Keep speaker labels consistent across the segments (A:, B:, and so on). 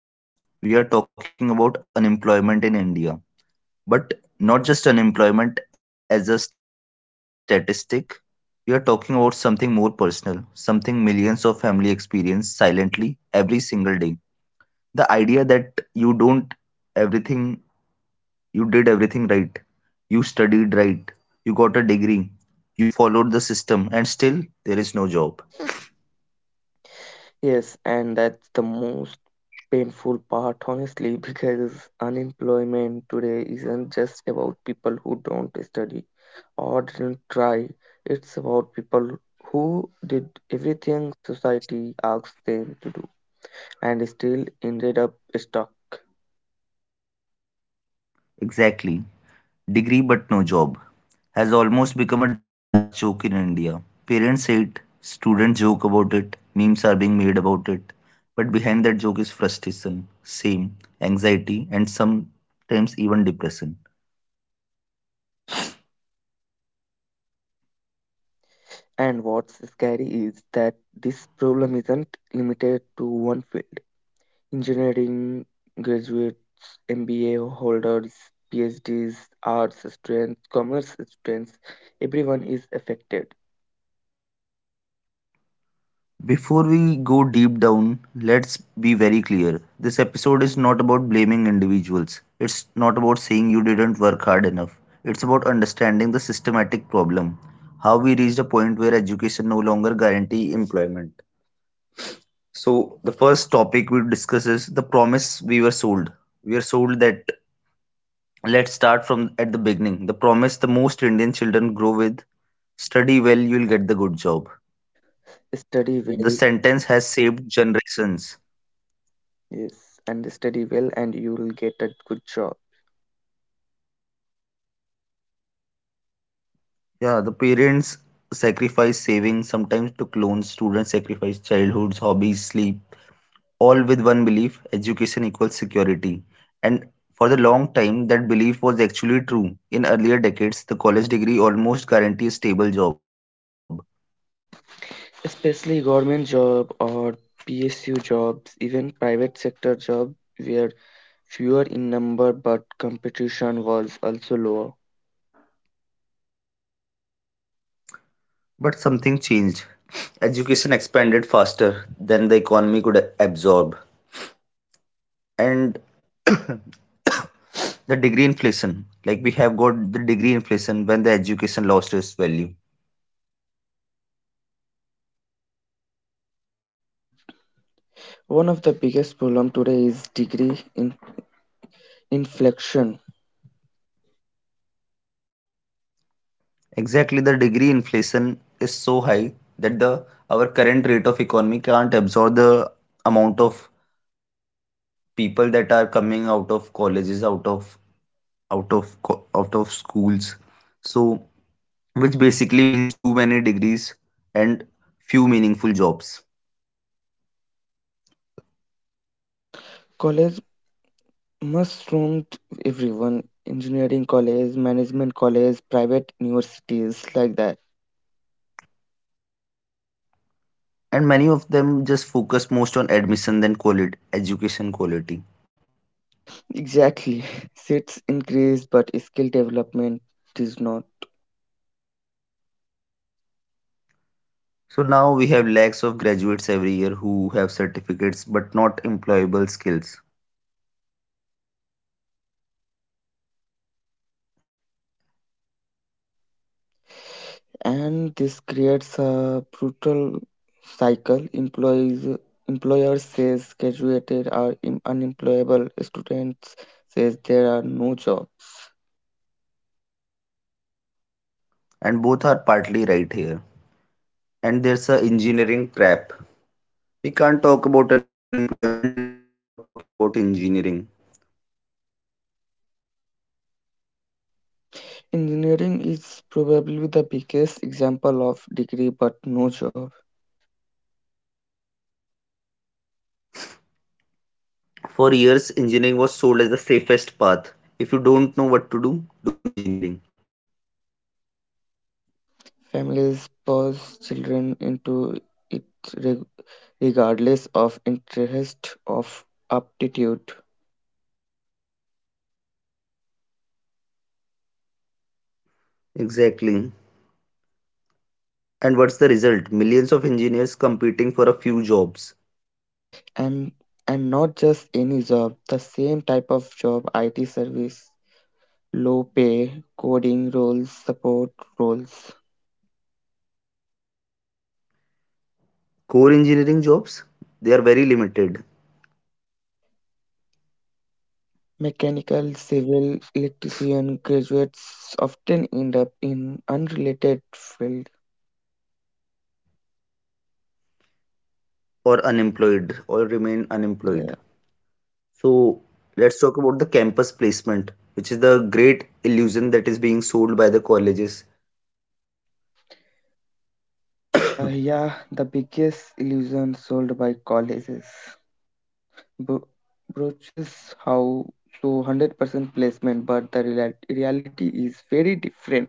A: a very necessary one. We are talking about unemployment in India, but not just unemployment as a statistic. We are talking about something more personal, something millions of families experience silently every single day. The idea that you don't everything, you did everything right, you studied right, you got a degree, you followed the system, and still there is no job.
B: Yes, and that's the most painful part, honestly, because unemployment today isn't just about people who don't study or didn't try, it's about people who did everything society asked them to do and still ended up stuck.
A: Exactly. Degree but no job. Has almost become a dark joke in India. Parents say it, students joke about it, memes are being made about it. But behind that joke is frustration, shame, anxiety, and sometimes even depression.
B: And what's scary is that this problem isn't limited to one field. Engineering graduates, MBA holders, PhDs, arts students, commerce students, everyone is affected.
A: Before we go deep down, let's be very clear. This episode is not about blaming individuals. It's not about saying you didn't work hard enough. It's about understanding the systematic problem. How we reached a point where education no longer guarantees employment. So the first topic we will discuss is the promise we were sold. We were sold that let's start from at the beginning. The promise the most Indian children grow with, study well, you'll get the good job.
B: Study
A: The
B: well,
A: sentence has saved generations.
B: yes, and study well, and you will get a good job.
A: Yeah, the parents sacrificed savings, sometimes took loans, students sacrificed childhoods, hobbies, sleep, all with one belief, education equals security. And for the long time, that belief was actually true. In earlier decades, the college degree almost guarantees a stable job.
B: Especially government job or PSU jobs, even private sector job were fewer in number, but competition was also lower.
A: But something changed. Education expanded faster than the economy could absorb. And the degree inflation, like we have got the degree inflation when the education lost its value.
B: One of the biggest problem today is degree in inflection.
A: Exactly, the degree inflation is so high that the our current rate of economy can't absorb the amount of people that are coming out of colleges, out of out of schools. So, which basically means too many degrees and few meaningful jobs.
B: College mushroomed, everyone, engineering college, management college, private universities, like that,
A: And many of them just focus most on admission than quality education quality.
B: exactly seats increase but skill development is not.
A: So now we have lakhs of graduates every year who have certificates but not employable skills.
B: And this creates a brutal cycle. Employees employers says graduated are unemployable. Students says there are no job.
A: And both are partly right here. And there's a engineering trap. We can't talk about unemployment in India without talking about engineering.
B: Engineering is probably the biggest example of degree but no job.
A: For years engineering was sold as the safest path. If you don't know what to do, do engineering.
B: Families push children into it, reg- regardless of interest of aptitude.
A: Exactly, and what's the result? Millions of engineers competing for a few jobs.
B: And and not just any job, the same type of job, IT service, low pay, coding roles, support roles.
A: Core engineering jobs, they are very limited
B: Mechanical, civil, electrician graduates often end up in unrelated field.
A: or unemployed or remain unemployed.
B: Yeah.
A: So let's talk about the campus placement, which is the great illusion that is being sold by the colleges.
B: Yeah, the biggest illusion sold by colleges. Bro- broaches how, so 100% placement, but the reality is very different.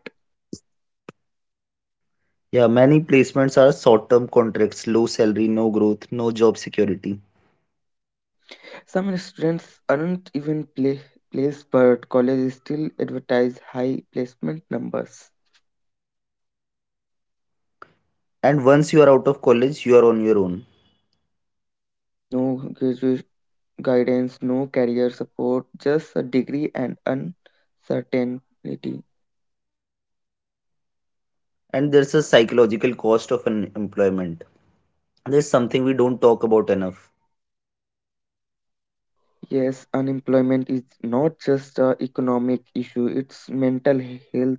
A: Yeah, many placements are short term contracts, low salary, no growth, no job security.
B: Some students aren't even placed, but colleges still advertise high placement numbers.
A: And once you are out of college, you are on your own.
B: No graduate guidance, no career support, just a degree and uncertainty.
A: And there's a psychological cost of unemployment. There's something we don't talk about enough.
B: Yes, unemployment is not just a economic issue, it's mental health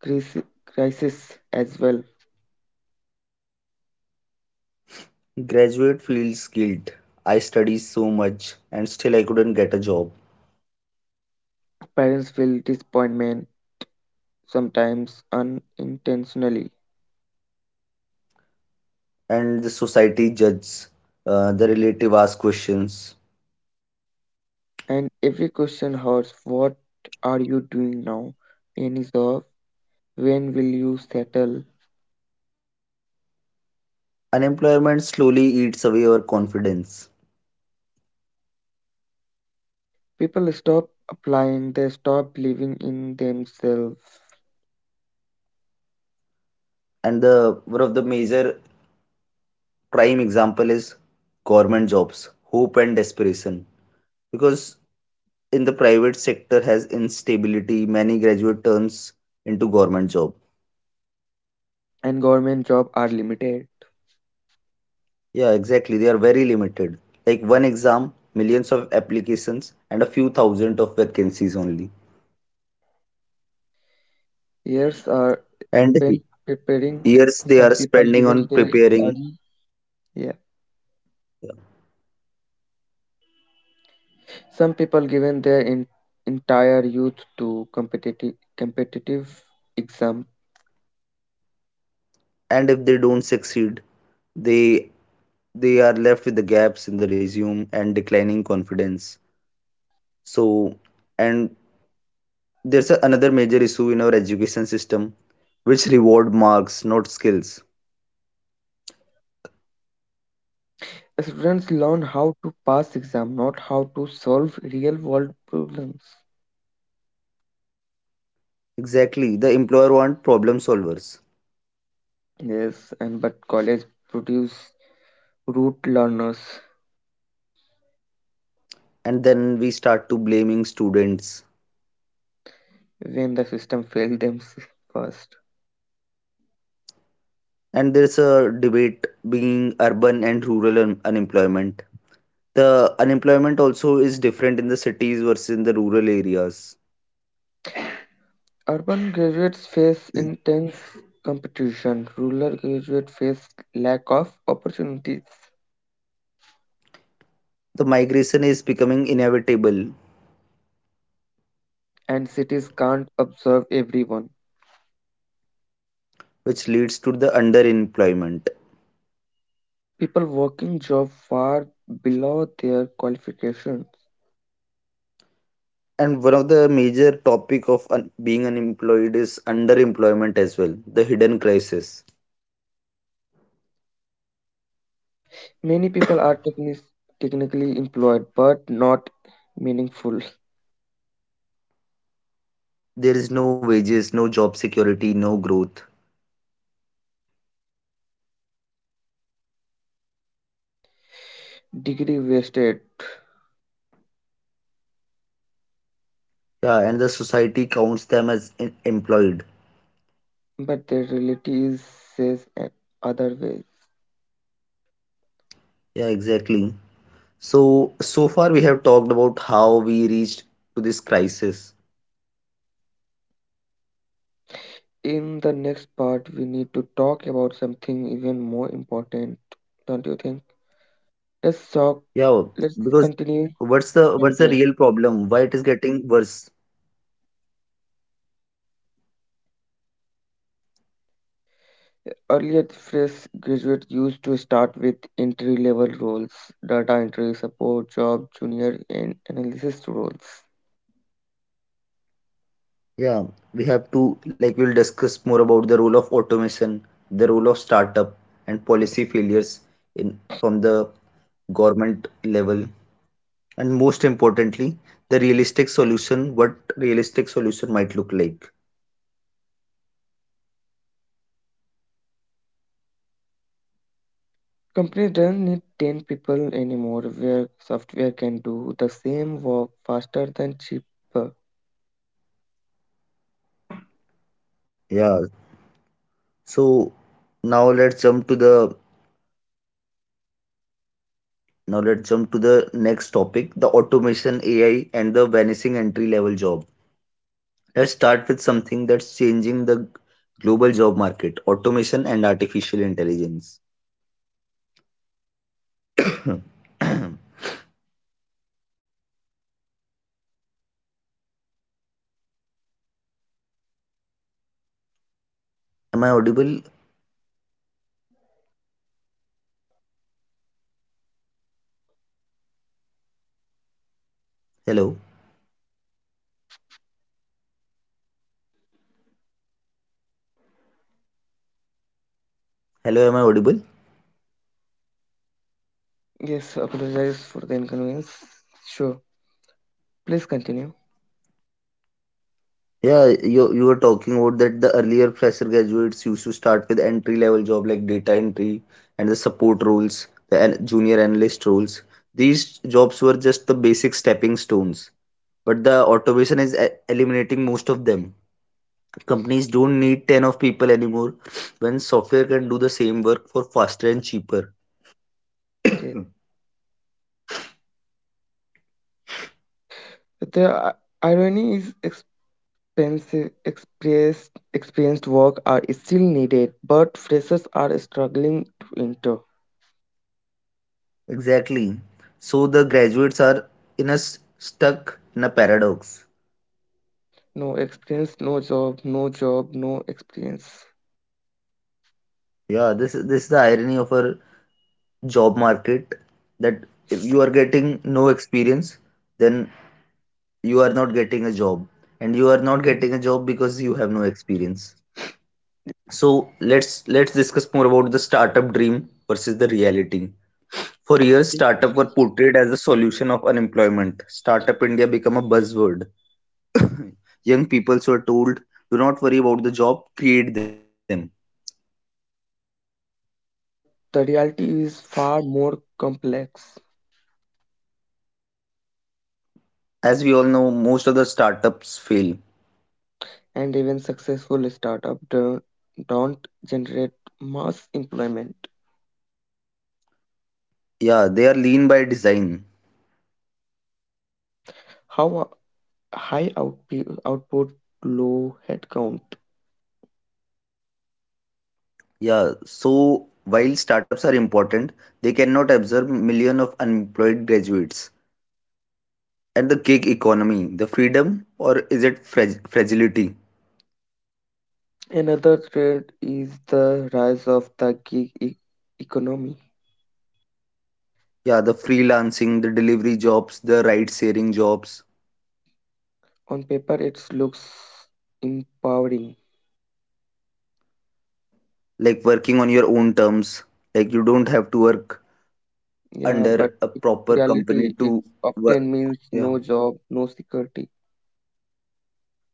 B: crisis crisis as well.
A: Graduate feels guilt. I studied so much and still I couldn't get a job.
B: Parents feel disappointment, sometimes unintentionally.
A: And the society judges. The relative ask questions.
B: And every question hurts. What are you doing now? Any job? When will you settle?
A: Unemployment slowly eats away our confidence.
B: People stop applying, they stop believing in themselves,
A: And the one of the major prime example is government jobs, hope and desperation. Because in the private sector has instability, many graduate turns into government job.
B: and government jobs are limited.
A: Yeah, exactly. They are very limited. Like one exam, millions of applications and a few thousand of vacancies only.
B: Years are
A: And
B: spent preparing,
A: years they
B: some
A: are
B: people
A: spending
B: given
A: on
B: their
A: preparing.
B: early, yeah. Some people given their entire youth to competitive exam.
A: And if they don't succeed, they are left with the gaps in the resume and declining confidence. So and there's another major issue in our education system which reward marks not skills.
B: Students learn how to pass exam, not how to solve real world problems.
A: Exactly, the employer want problem solvers.
B: Yes, and but college produce root learners
A: And then we start to blaming students.
B: when the system fails them first.
A: And there's a debate being urban and rural unemployment. The unemployment also is different in the cities versus in the rural areas.
B: Urban graduates face intense competition. Rural graduates face lack of opportunities,
A: The migration is becoming inevitable,
B: and cities can't absorb everyone.
A: which leads to the underemployment.
B: People working job far below their qualifications.
A: And one of the major topic of being unemployed is underemployment as well, the hidden crisis.
B: Many people are technically employed but not meaningful,
A: There is no wages no job security no growth.
B: degree wasted,
A: Yeah, and the society counts them as employed.
B: but the reality is says other way.
A: Yeah, exactly. So so far we have talked about how we reached to this crisis.
B: In the next part, we need to talk about something even more important, don't you think? Let's talk, let's
A: Yeah, because
B: continue
A: what's the
B: from there.
A: real problem, why it is getting worse?
B: Earlier, the phrase graduate used to start with entry level roles, data entry, support job, junior, and analysis roles.
A: Yeah, we have to, like, we'll discuss more about the role of automation, the role of startup, and policy failures in from the government level. And most importantly, the realistic solution, what realistic solution might look like.
B: Companies don't need 10 people anymore where software can do the same work faster than cheaper.
A: Yeah. So now let's jump to the now let's jump to the next topic, the automation, AI, and the vanishing entry-level job. Let's start with something that's changing the global job market, automation and artificial intelligence. Am I audible? Hello. Hello, am I audible?
B: Yes, apologize for the inconvenience. Sure, please continue.
A: Yeah, you were talking about that the earlier fresher graduates used to start with entry level job like data entry and the support roles, the junior analyst roles. These jobs were just the basic stepping stones, but the automation is eliminating most of them. Companies don't need 10 of people anymore when software can do the same work for faster and cheaper.
B: Yes. The irony is expensive experienced work are still needed, but freshers are struggling to enter.
A: Exactly. So the graduates are in a stuck in a paradox.
B: No experience, no job, no job, no experience.
A: Yeah, this is the irony of our job market that if you are getting no experience, then you are not getting a job, and you are not getting a job because you have no experience. So let's discuss more about the startup dream versus the reality. For years, startup were portrayed as the solution of unemployment. Startup India became a buzzword. Young people were told, "Do not worry about the job, create them."
B: But the reality is far more complex.
A: As we all know, most of the startups fail.
B: And even successful startups don't generate mass employment.
A: Yeah, they are lean by design.
B: How high output, low headcount.
A: Yeah, so while startups are important, they cannot absorb millions of unemployed graduates. And the gig economy, the freedom, or is it fragility?
B: Another trend is the rise of the gig economy.
A: Yeah, the freelancing, the delivery jobs, the ride sharing jobs,
B: On paper, it looks empowering,
A: like working on your own terms, like you don't have to work
B: yeah, but
A: under a
B: in
A: proper company
B: reality, it
A: to work.
B: often means
A: Yeah,
B: no job, no security,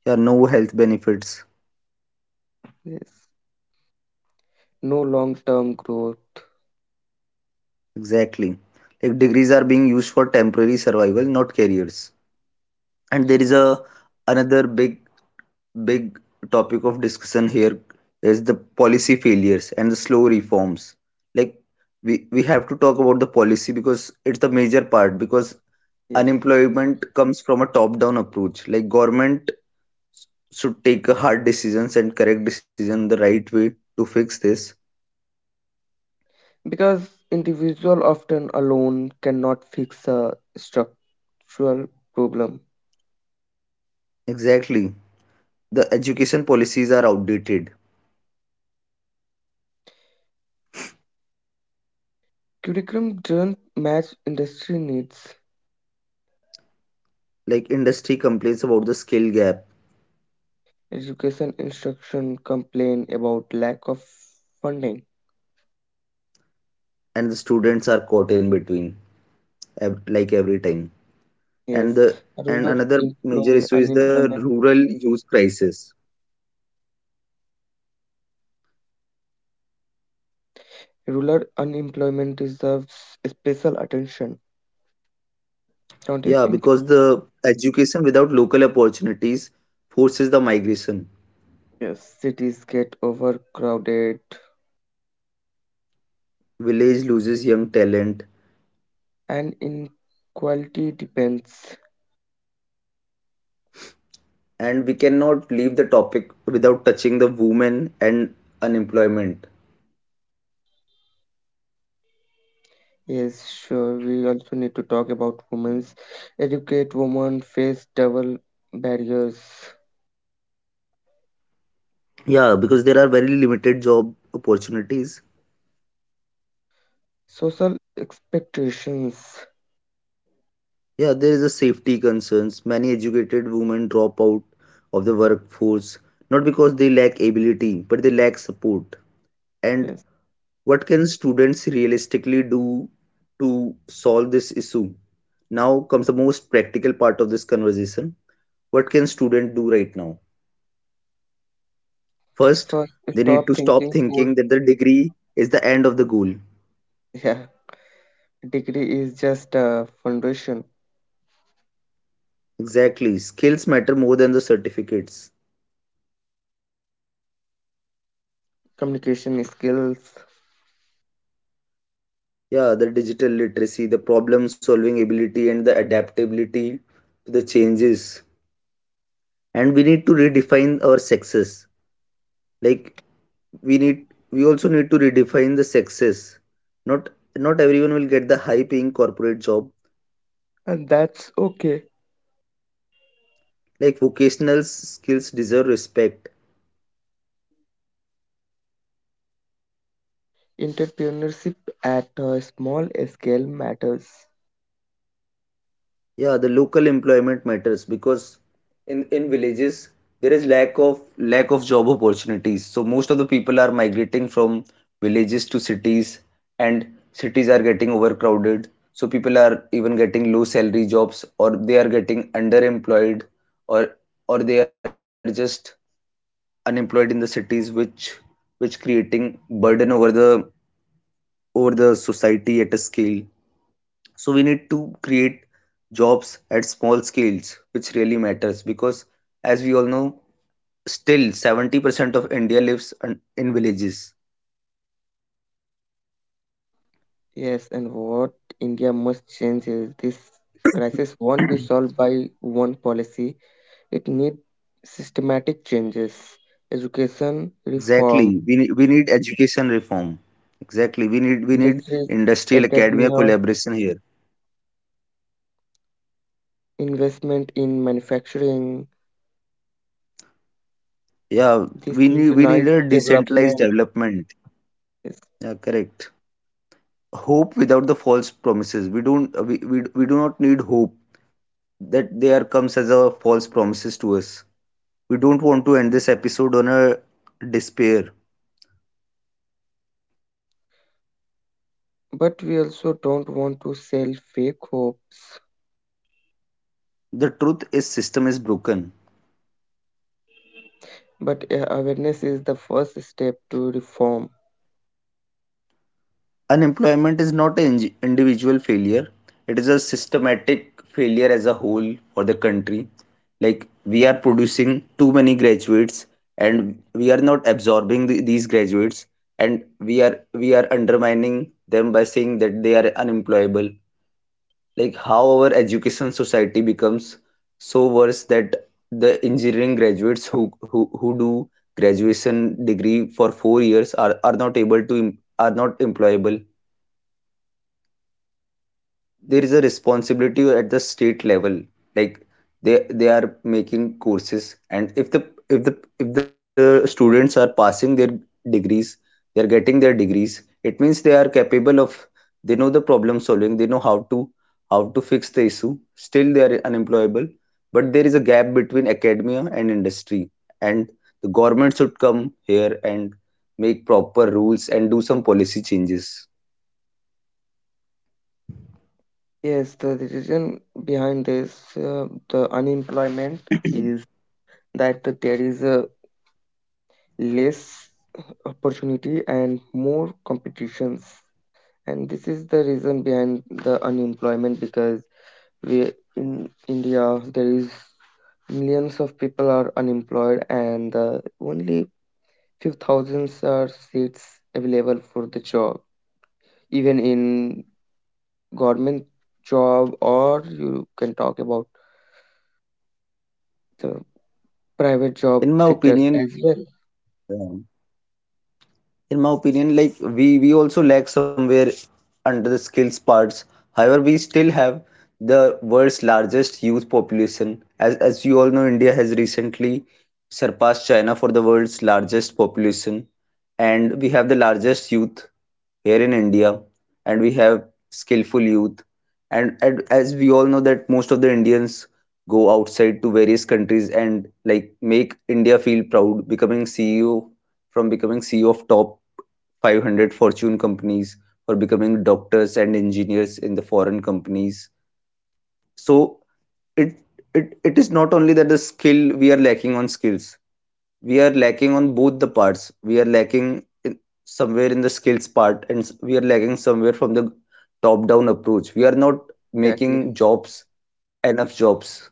A: yeah, no health benefits.
B: yes, no long-term growth.
A: Exactly. Like degrees are being used for temporary survival, not careers. And there is a another big topic of discussion here is the policy failures and the slow reforms. Like we have to talk about the policy because it's the major part because
B: Yes.
A: unemployment comes from a top down approach. Like government should take hard decisions and correct decision the right way to fix this.
B: Because individual often alone cannot fix a structural problem.
A: Exactly. The education policies are outdated.
B: Curriculum doesn't match industry needs.
A: Like industry complains about the skill gap
B: Education instruction complain about lack of funding.
A: and the students are caught in between like every time. and
B: Yes,
A: the and
B: rural
A: another major
B: employment,
A: issue is the
B: unemployment.
A: rural youth crisis.
B: Rural unemployment deserves special attention. Don't you
A: Yeah,
B: think?
A: because the education without local opportunities forces the migration.
B: Yes, cities get overcrowded
A: Village loses young talent.
B: and inequality depends.
A: And we cannot leave the topic without touching the women and unemployment.
B: Yes, sure. We also need to talk about women's, educate women face double barriers.
A: Yeah, because there are very limited job opportunities.
B: Social expectations.
A: Yeah, there is a safety concerns, many educated women drop out of the workforce not because they lack ability but they lack support. And
B: Yes.
A: what can students realistically do to solve this issue? Now comes the most practical part of this conversation. What can student do right now? First,
B: First,
A: they need
B: stop
A: to stop
B: thinking for,
A: thinking that the degree is the end of the goal.
B: yeah, degree is just a foundation.
A: Exactly. Skills matter more than the certificates.
B: Communication skills,
A: Yeah, the digital literacy, the problem solving ability, and the adaptability to the changes. And we need to redefine our success. Like, we need we also need to redefine the success. Not Not everyone will get the high paying corporate job.
B: and that's okay.
A: Like vocational skills deserve respect.
B: Entrepreneurship at a small scale matters.
A: Yeah, the local employment matters because in villages there is lack of job opportunities. So most of the people are migrating from villages to cities and cities are getting overcrowded. So people are even getting low salary jobs, or they are getting underemployed or or they are just unemployed in the cities, which creating burden over the society at a scale. So we need to create jobs at small scales, which really matters because, as we all know, still 70% of india lives in villages.
B: Yes, and what India must change is this crisis won't be solved by one policy. It needs systematic changes, education reform,
A: Exactly, we need education reform. Exactly, we need
B: industries,
A: industrial academia
B: academia,
A: collaboration here.
B: investment in manufacturing,
A: Yeah, we need
B: decentralized
A: a decentralized
B: development.
A: development.
B: Yes.
A: Yeah, correct. Hope without the false promises. We don't we, we, we do not need hope that there comes as a false promises to us. We don't want to end this episode on a despair.
B: But we also don't want to sell fake hopes.
A: The truth is system is broken.
B: But awareness is the first step to reform.
A: Unemployment is not an individual failure, it is a systematic failure as a whole for the country. Like, we are producing too many graduates, and we are not absorbing these graduates, and we are undermining them by saying that they are unemployable. Like, how our education society becomes so worse that the engineering graduates who do graduation degree for 4 years are not able to are not employable. There is a responsibility at the state level. Like, they are making courses, and if the if the if the students are passing their degrees, they are getting their degrees, it means they are capable of, they know the problem solving, they know how to fix the issue, still they are unemployable. But there is a gap between academia and industry, and the government should come here and make proper rules and do some policy changes.
B: Yes, the reason behind this, the unemployment is that there is a less opportunity and more competitions, and this is the reason behind the unemployment because we in India there is millions of people are unemployed and only few thousands are seats available for the job, even in government job or you can talk about the private job
A: In my
B: sectors
A: opinion,
B: as well.
A: um, in my opinion, like, we also lack somewhere under the skills parts. However, we still have the world's largest youth population. As you all know, india has recently surpassed china for the world's largest population, and we have the largest youth here in India, and we have skillful youth. And as we all know that most of the Indians go outside to various countries and like make India feel proud, becoming CEO, from becoming CEO of top 500 Fortune companies, for becoming doctors and engineers in the foreign companies. So it it is not only that the skill, we are lacking on skills, we are lacking on both the parts. We are lacking in somewhere in the skills part, and we are lacking somewhere from the top-down approach. We are not
B: Exactly,
A: making jobs, enough jobs.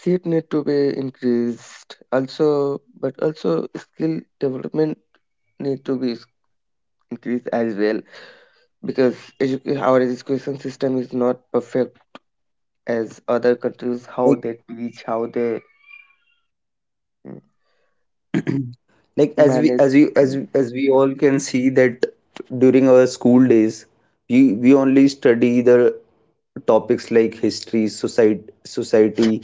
B: seat need to be increased also but also skill development need to be increased as well, because our education system is not perfect as other countries how
A: Like
B: they teach, how they mm,
A: like as we
B: manage.
A: as we as we- as we all can see that during our school days, we only study the topics like history, society,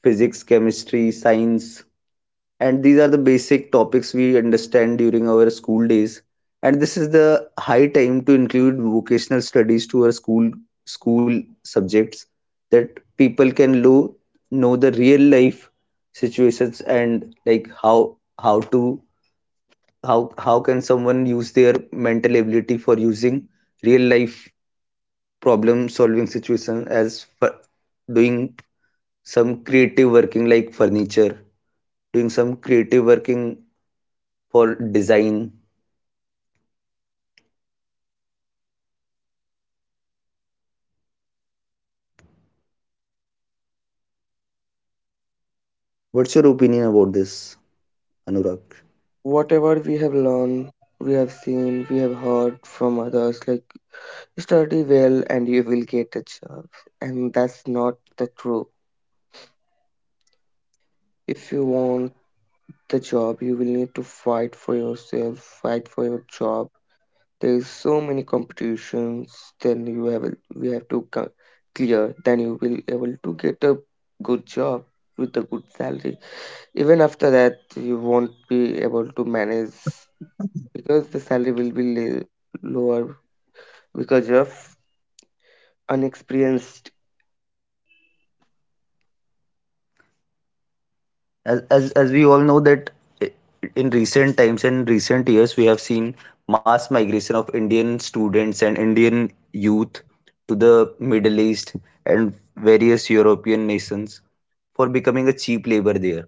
A: physics, chemistry, science, and these are the basic topics we understand during our school days. And this is the high time to include vocational studies to our school subjects, that people can know the real life situations, and like, how to how how can someone use their mental ability for using real life problem solving situation, as for doing some creative working like furniture, doing some creative working for design. What's your opinion about this, Anurag?
B: Whatever we have learned, we have seen, we have heard from others like study well and you will get a job, and that's not the truth. If you want the job you will need to fight for yourself, fight for your job. There is so many competitions. Then you have, we have to clear. Then you will able to get a good job with a good salary. Even after that, you won't be able to manage because the salary will be lower because you're unexperienced.
A: As we all know that in recent times and recent years, we have seen mass migration of Indian students and Indian youth to the Middle East and various European nations for becoming a cheap labor there.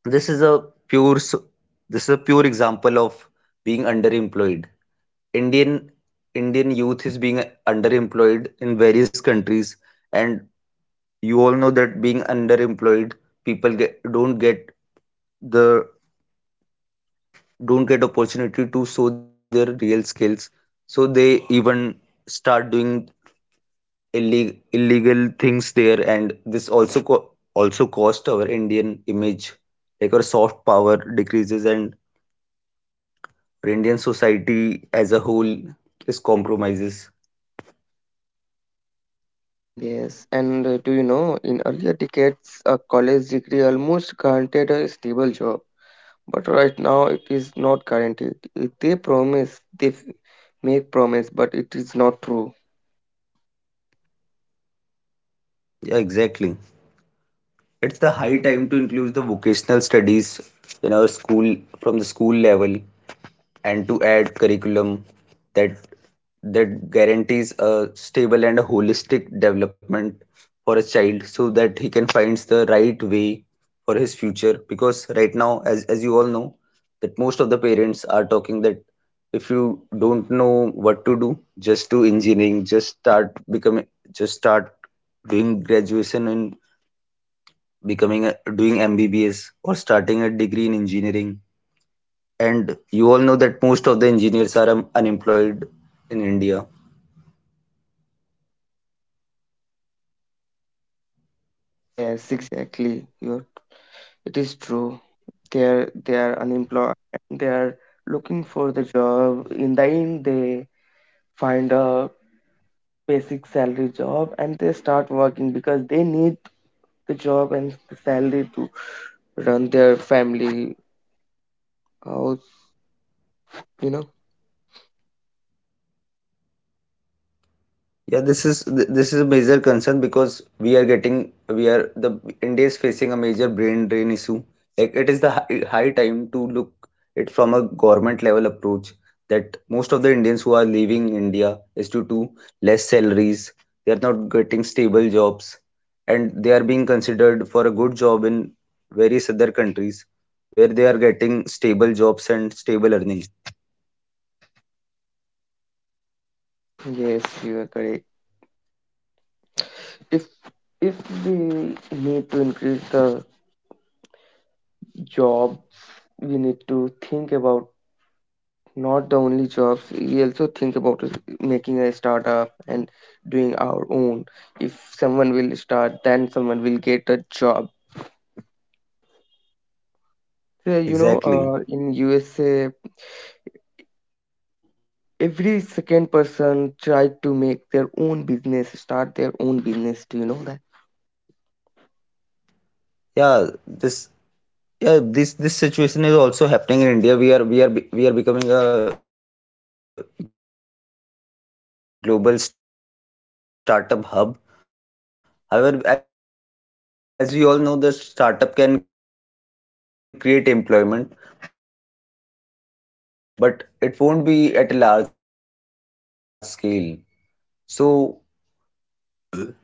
A: This is a pure this is a pure example of being underemployed. Indian Indian youth is being underemployed in various countries, and you all know that being underemployed, people get don't get the don't get opportunity to show their real skills, so they even start doing illegal things there, and this also also cost our indian image. Like, our soft power decreases, and our indian society as a whole is compromises.
B: Yes, and do you know in earlier decades, a college degree almost guaranteed a stable job but right now it is not guaranteed. If they promise, they make promise, but it is not true.
A: Yeah, exactly, it's the high time to include the vocational studies in our school from the school level, and to add curriculum that guarantees a stable and a holistic development for a child, so that he can find the right way for his future. Because right now, as you all know that most of the parents are talking that, if you don't know what to do, just do engineering, just start becoming, just start doing graduation and becoming a, doing mbbs or starting a degree in engineering. And you all know that most of the engineers are unemployed in India.
B: Yes, exactly. It is true. They are unemployed. They are looking for the job. In the end, they find a basic salary job and they start working because they need the job and the salary to run their family house. You know.
A: Yeah, this is a major concern, because we are getting we are the India is facing a major brain drain issue. Like, it is the high time to look it from a government level approach, that most of the Indians who are leaving India is due to less salaries. They are not getting stable jobs, and they are being considered for a good job in various other countries where they are getting stable jobs and stable earning.
B: Yes, you are correct. If if they need to increase the job, we need to think about not the only jobs, we also think about is making a startup and doing our own. If someone will start then someone will get a job. So, you know,
A: Exactly.
B: in USA every second person try to make their own business, start their own business, do you know that?
A: Yeah, this this situation is also happening in India. We are becoming a global startup hub. However, as we all know, the startup can create employment, but it won't be at a large scale. So it is a one part of it.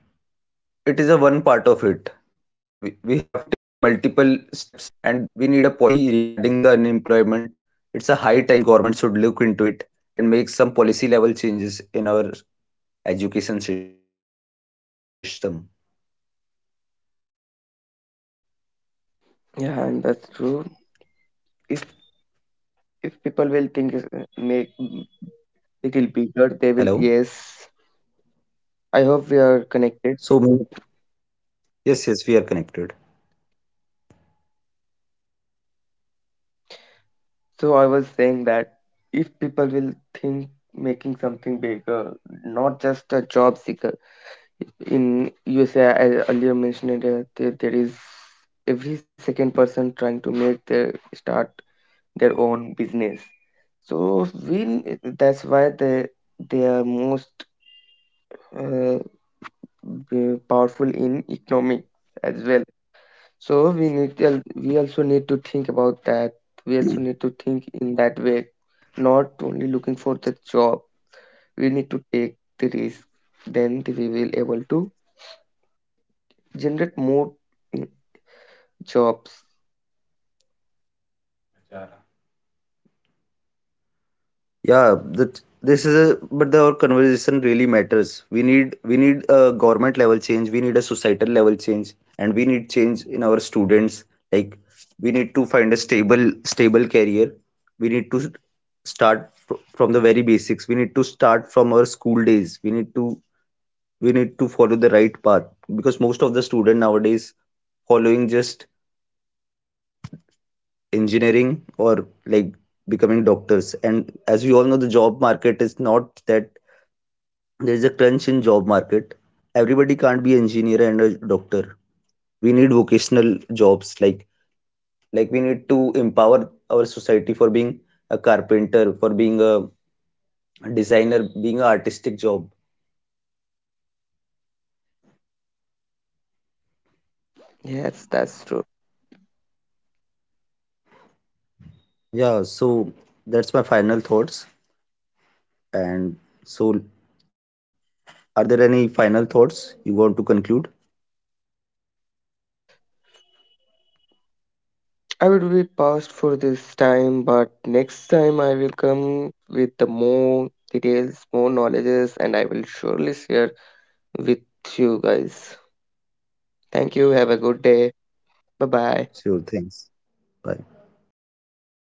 A: We have to take multiple steps, and we need a policy regarding the unemployment. It's a high time government should look into it and make some policy level changes in our education system.
B: Yeah, and that's true. If if people will think make little bigger, they will.
A: Hello, Anurag. Am I
B: Yes.
A: audible?
B: I hope we are connected.
A: Hello. So. Mm. Yes, yes, we are
B: So I was
A: connected.
B: saying that if people will think making something bigger, not just a job seeker. In USA, I earlier mentioned that there is every second person trying to make their start their own business. So we, that's why they are most uh, powerful in economics as well. So we also need to think about that. We also need to think in that way, not only looking for the job. We need to take the risk. Then we will able to generate more mm, jobs.
A: Yeah, that this is a but the, our conversation really matters. We need a government level change. We need a societal level change, and we need change in our students. Like, we need to find a stable career. We need to start from the very basics. We need to start from our school days. We need to follow the right path, because most of the student nowadays following just engineering, or like becoming doctors, and as we all know, the job market is not that, there's a crunch in job market, everybody can't be an engineer and a doctor. We need vocational jobs like we need to empower our society for being a carpenter, for being a designer, being an artistic job.
B: Yes, that's true.
A: Yeah, so that's my final thoughts, and so, are there any final thoughts you want to conclude?
B: I will be paused for this time, but next time I will come with the more details, more knowledges, and I will surely share with you guys. Thank you. Have a good day. Bye bye.
A: Sure, thanks. Bye.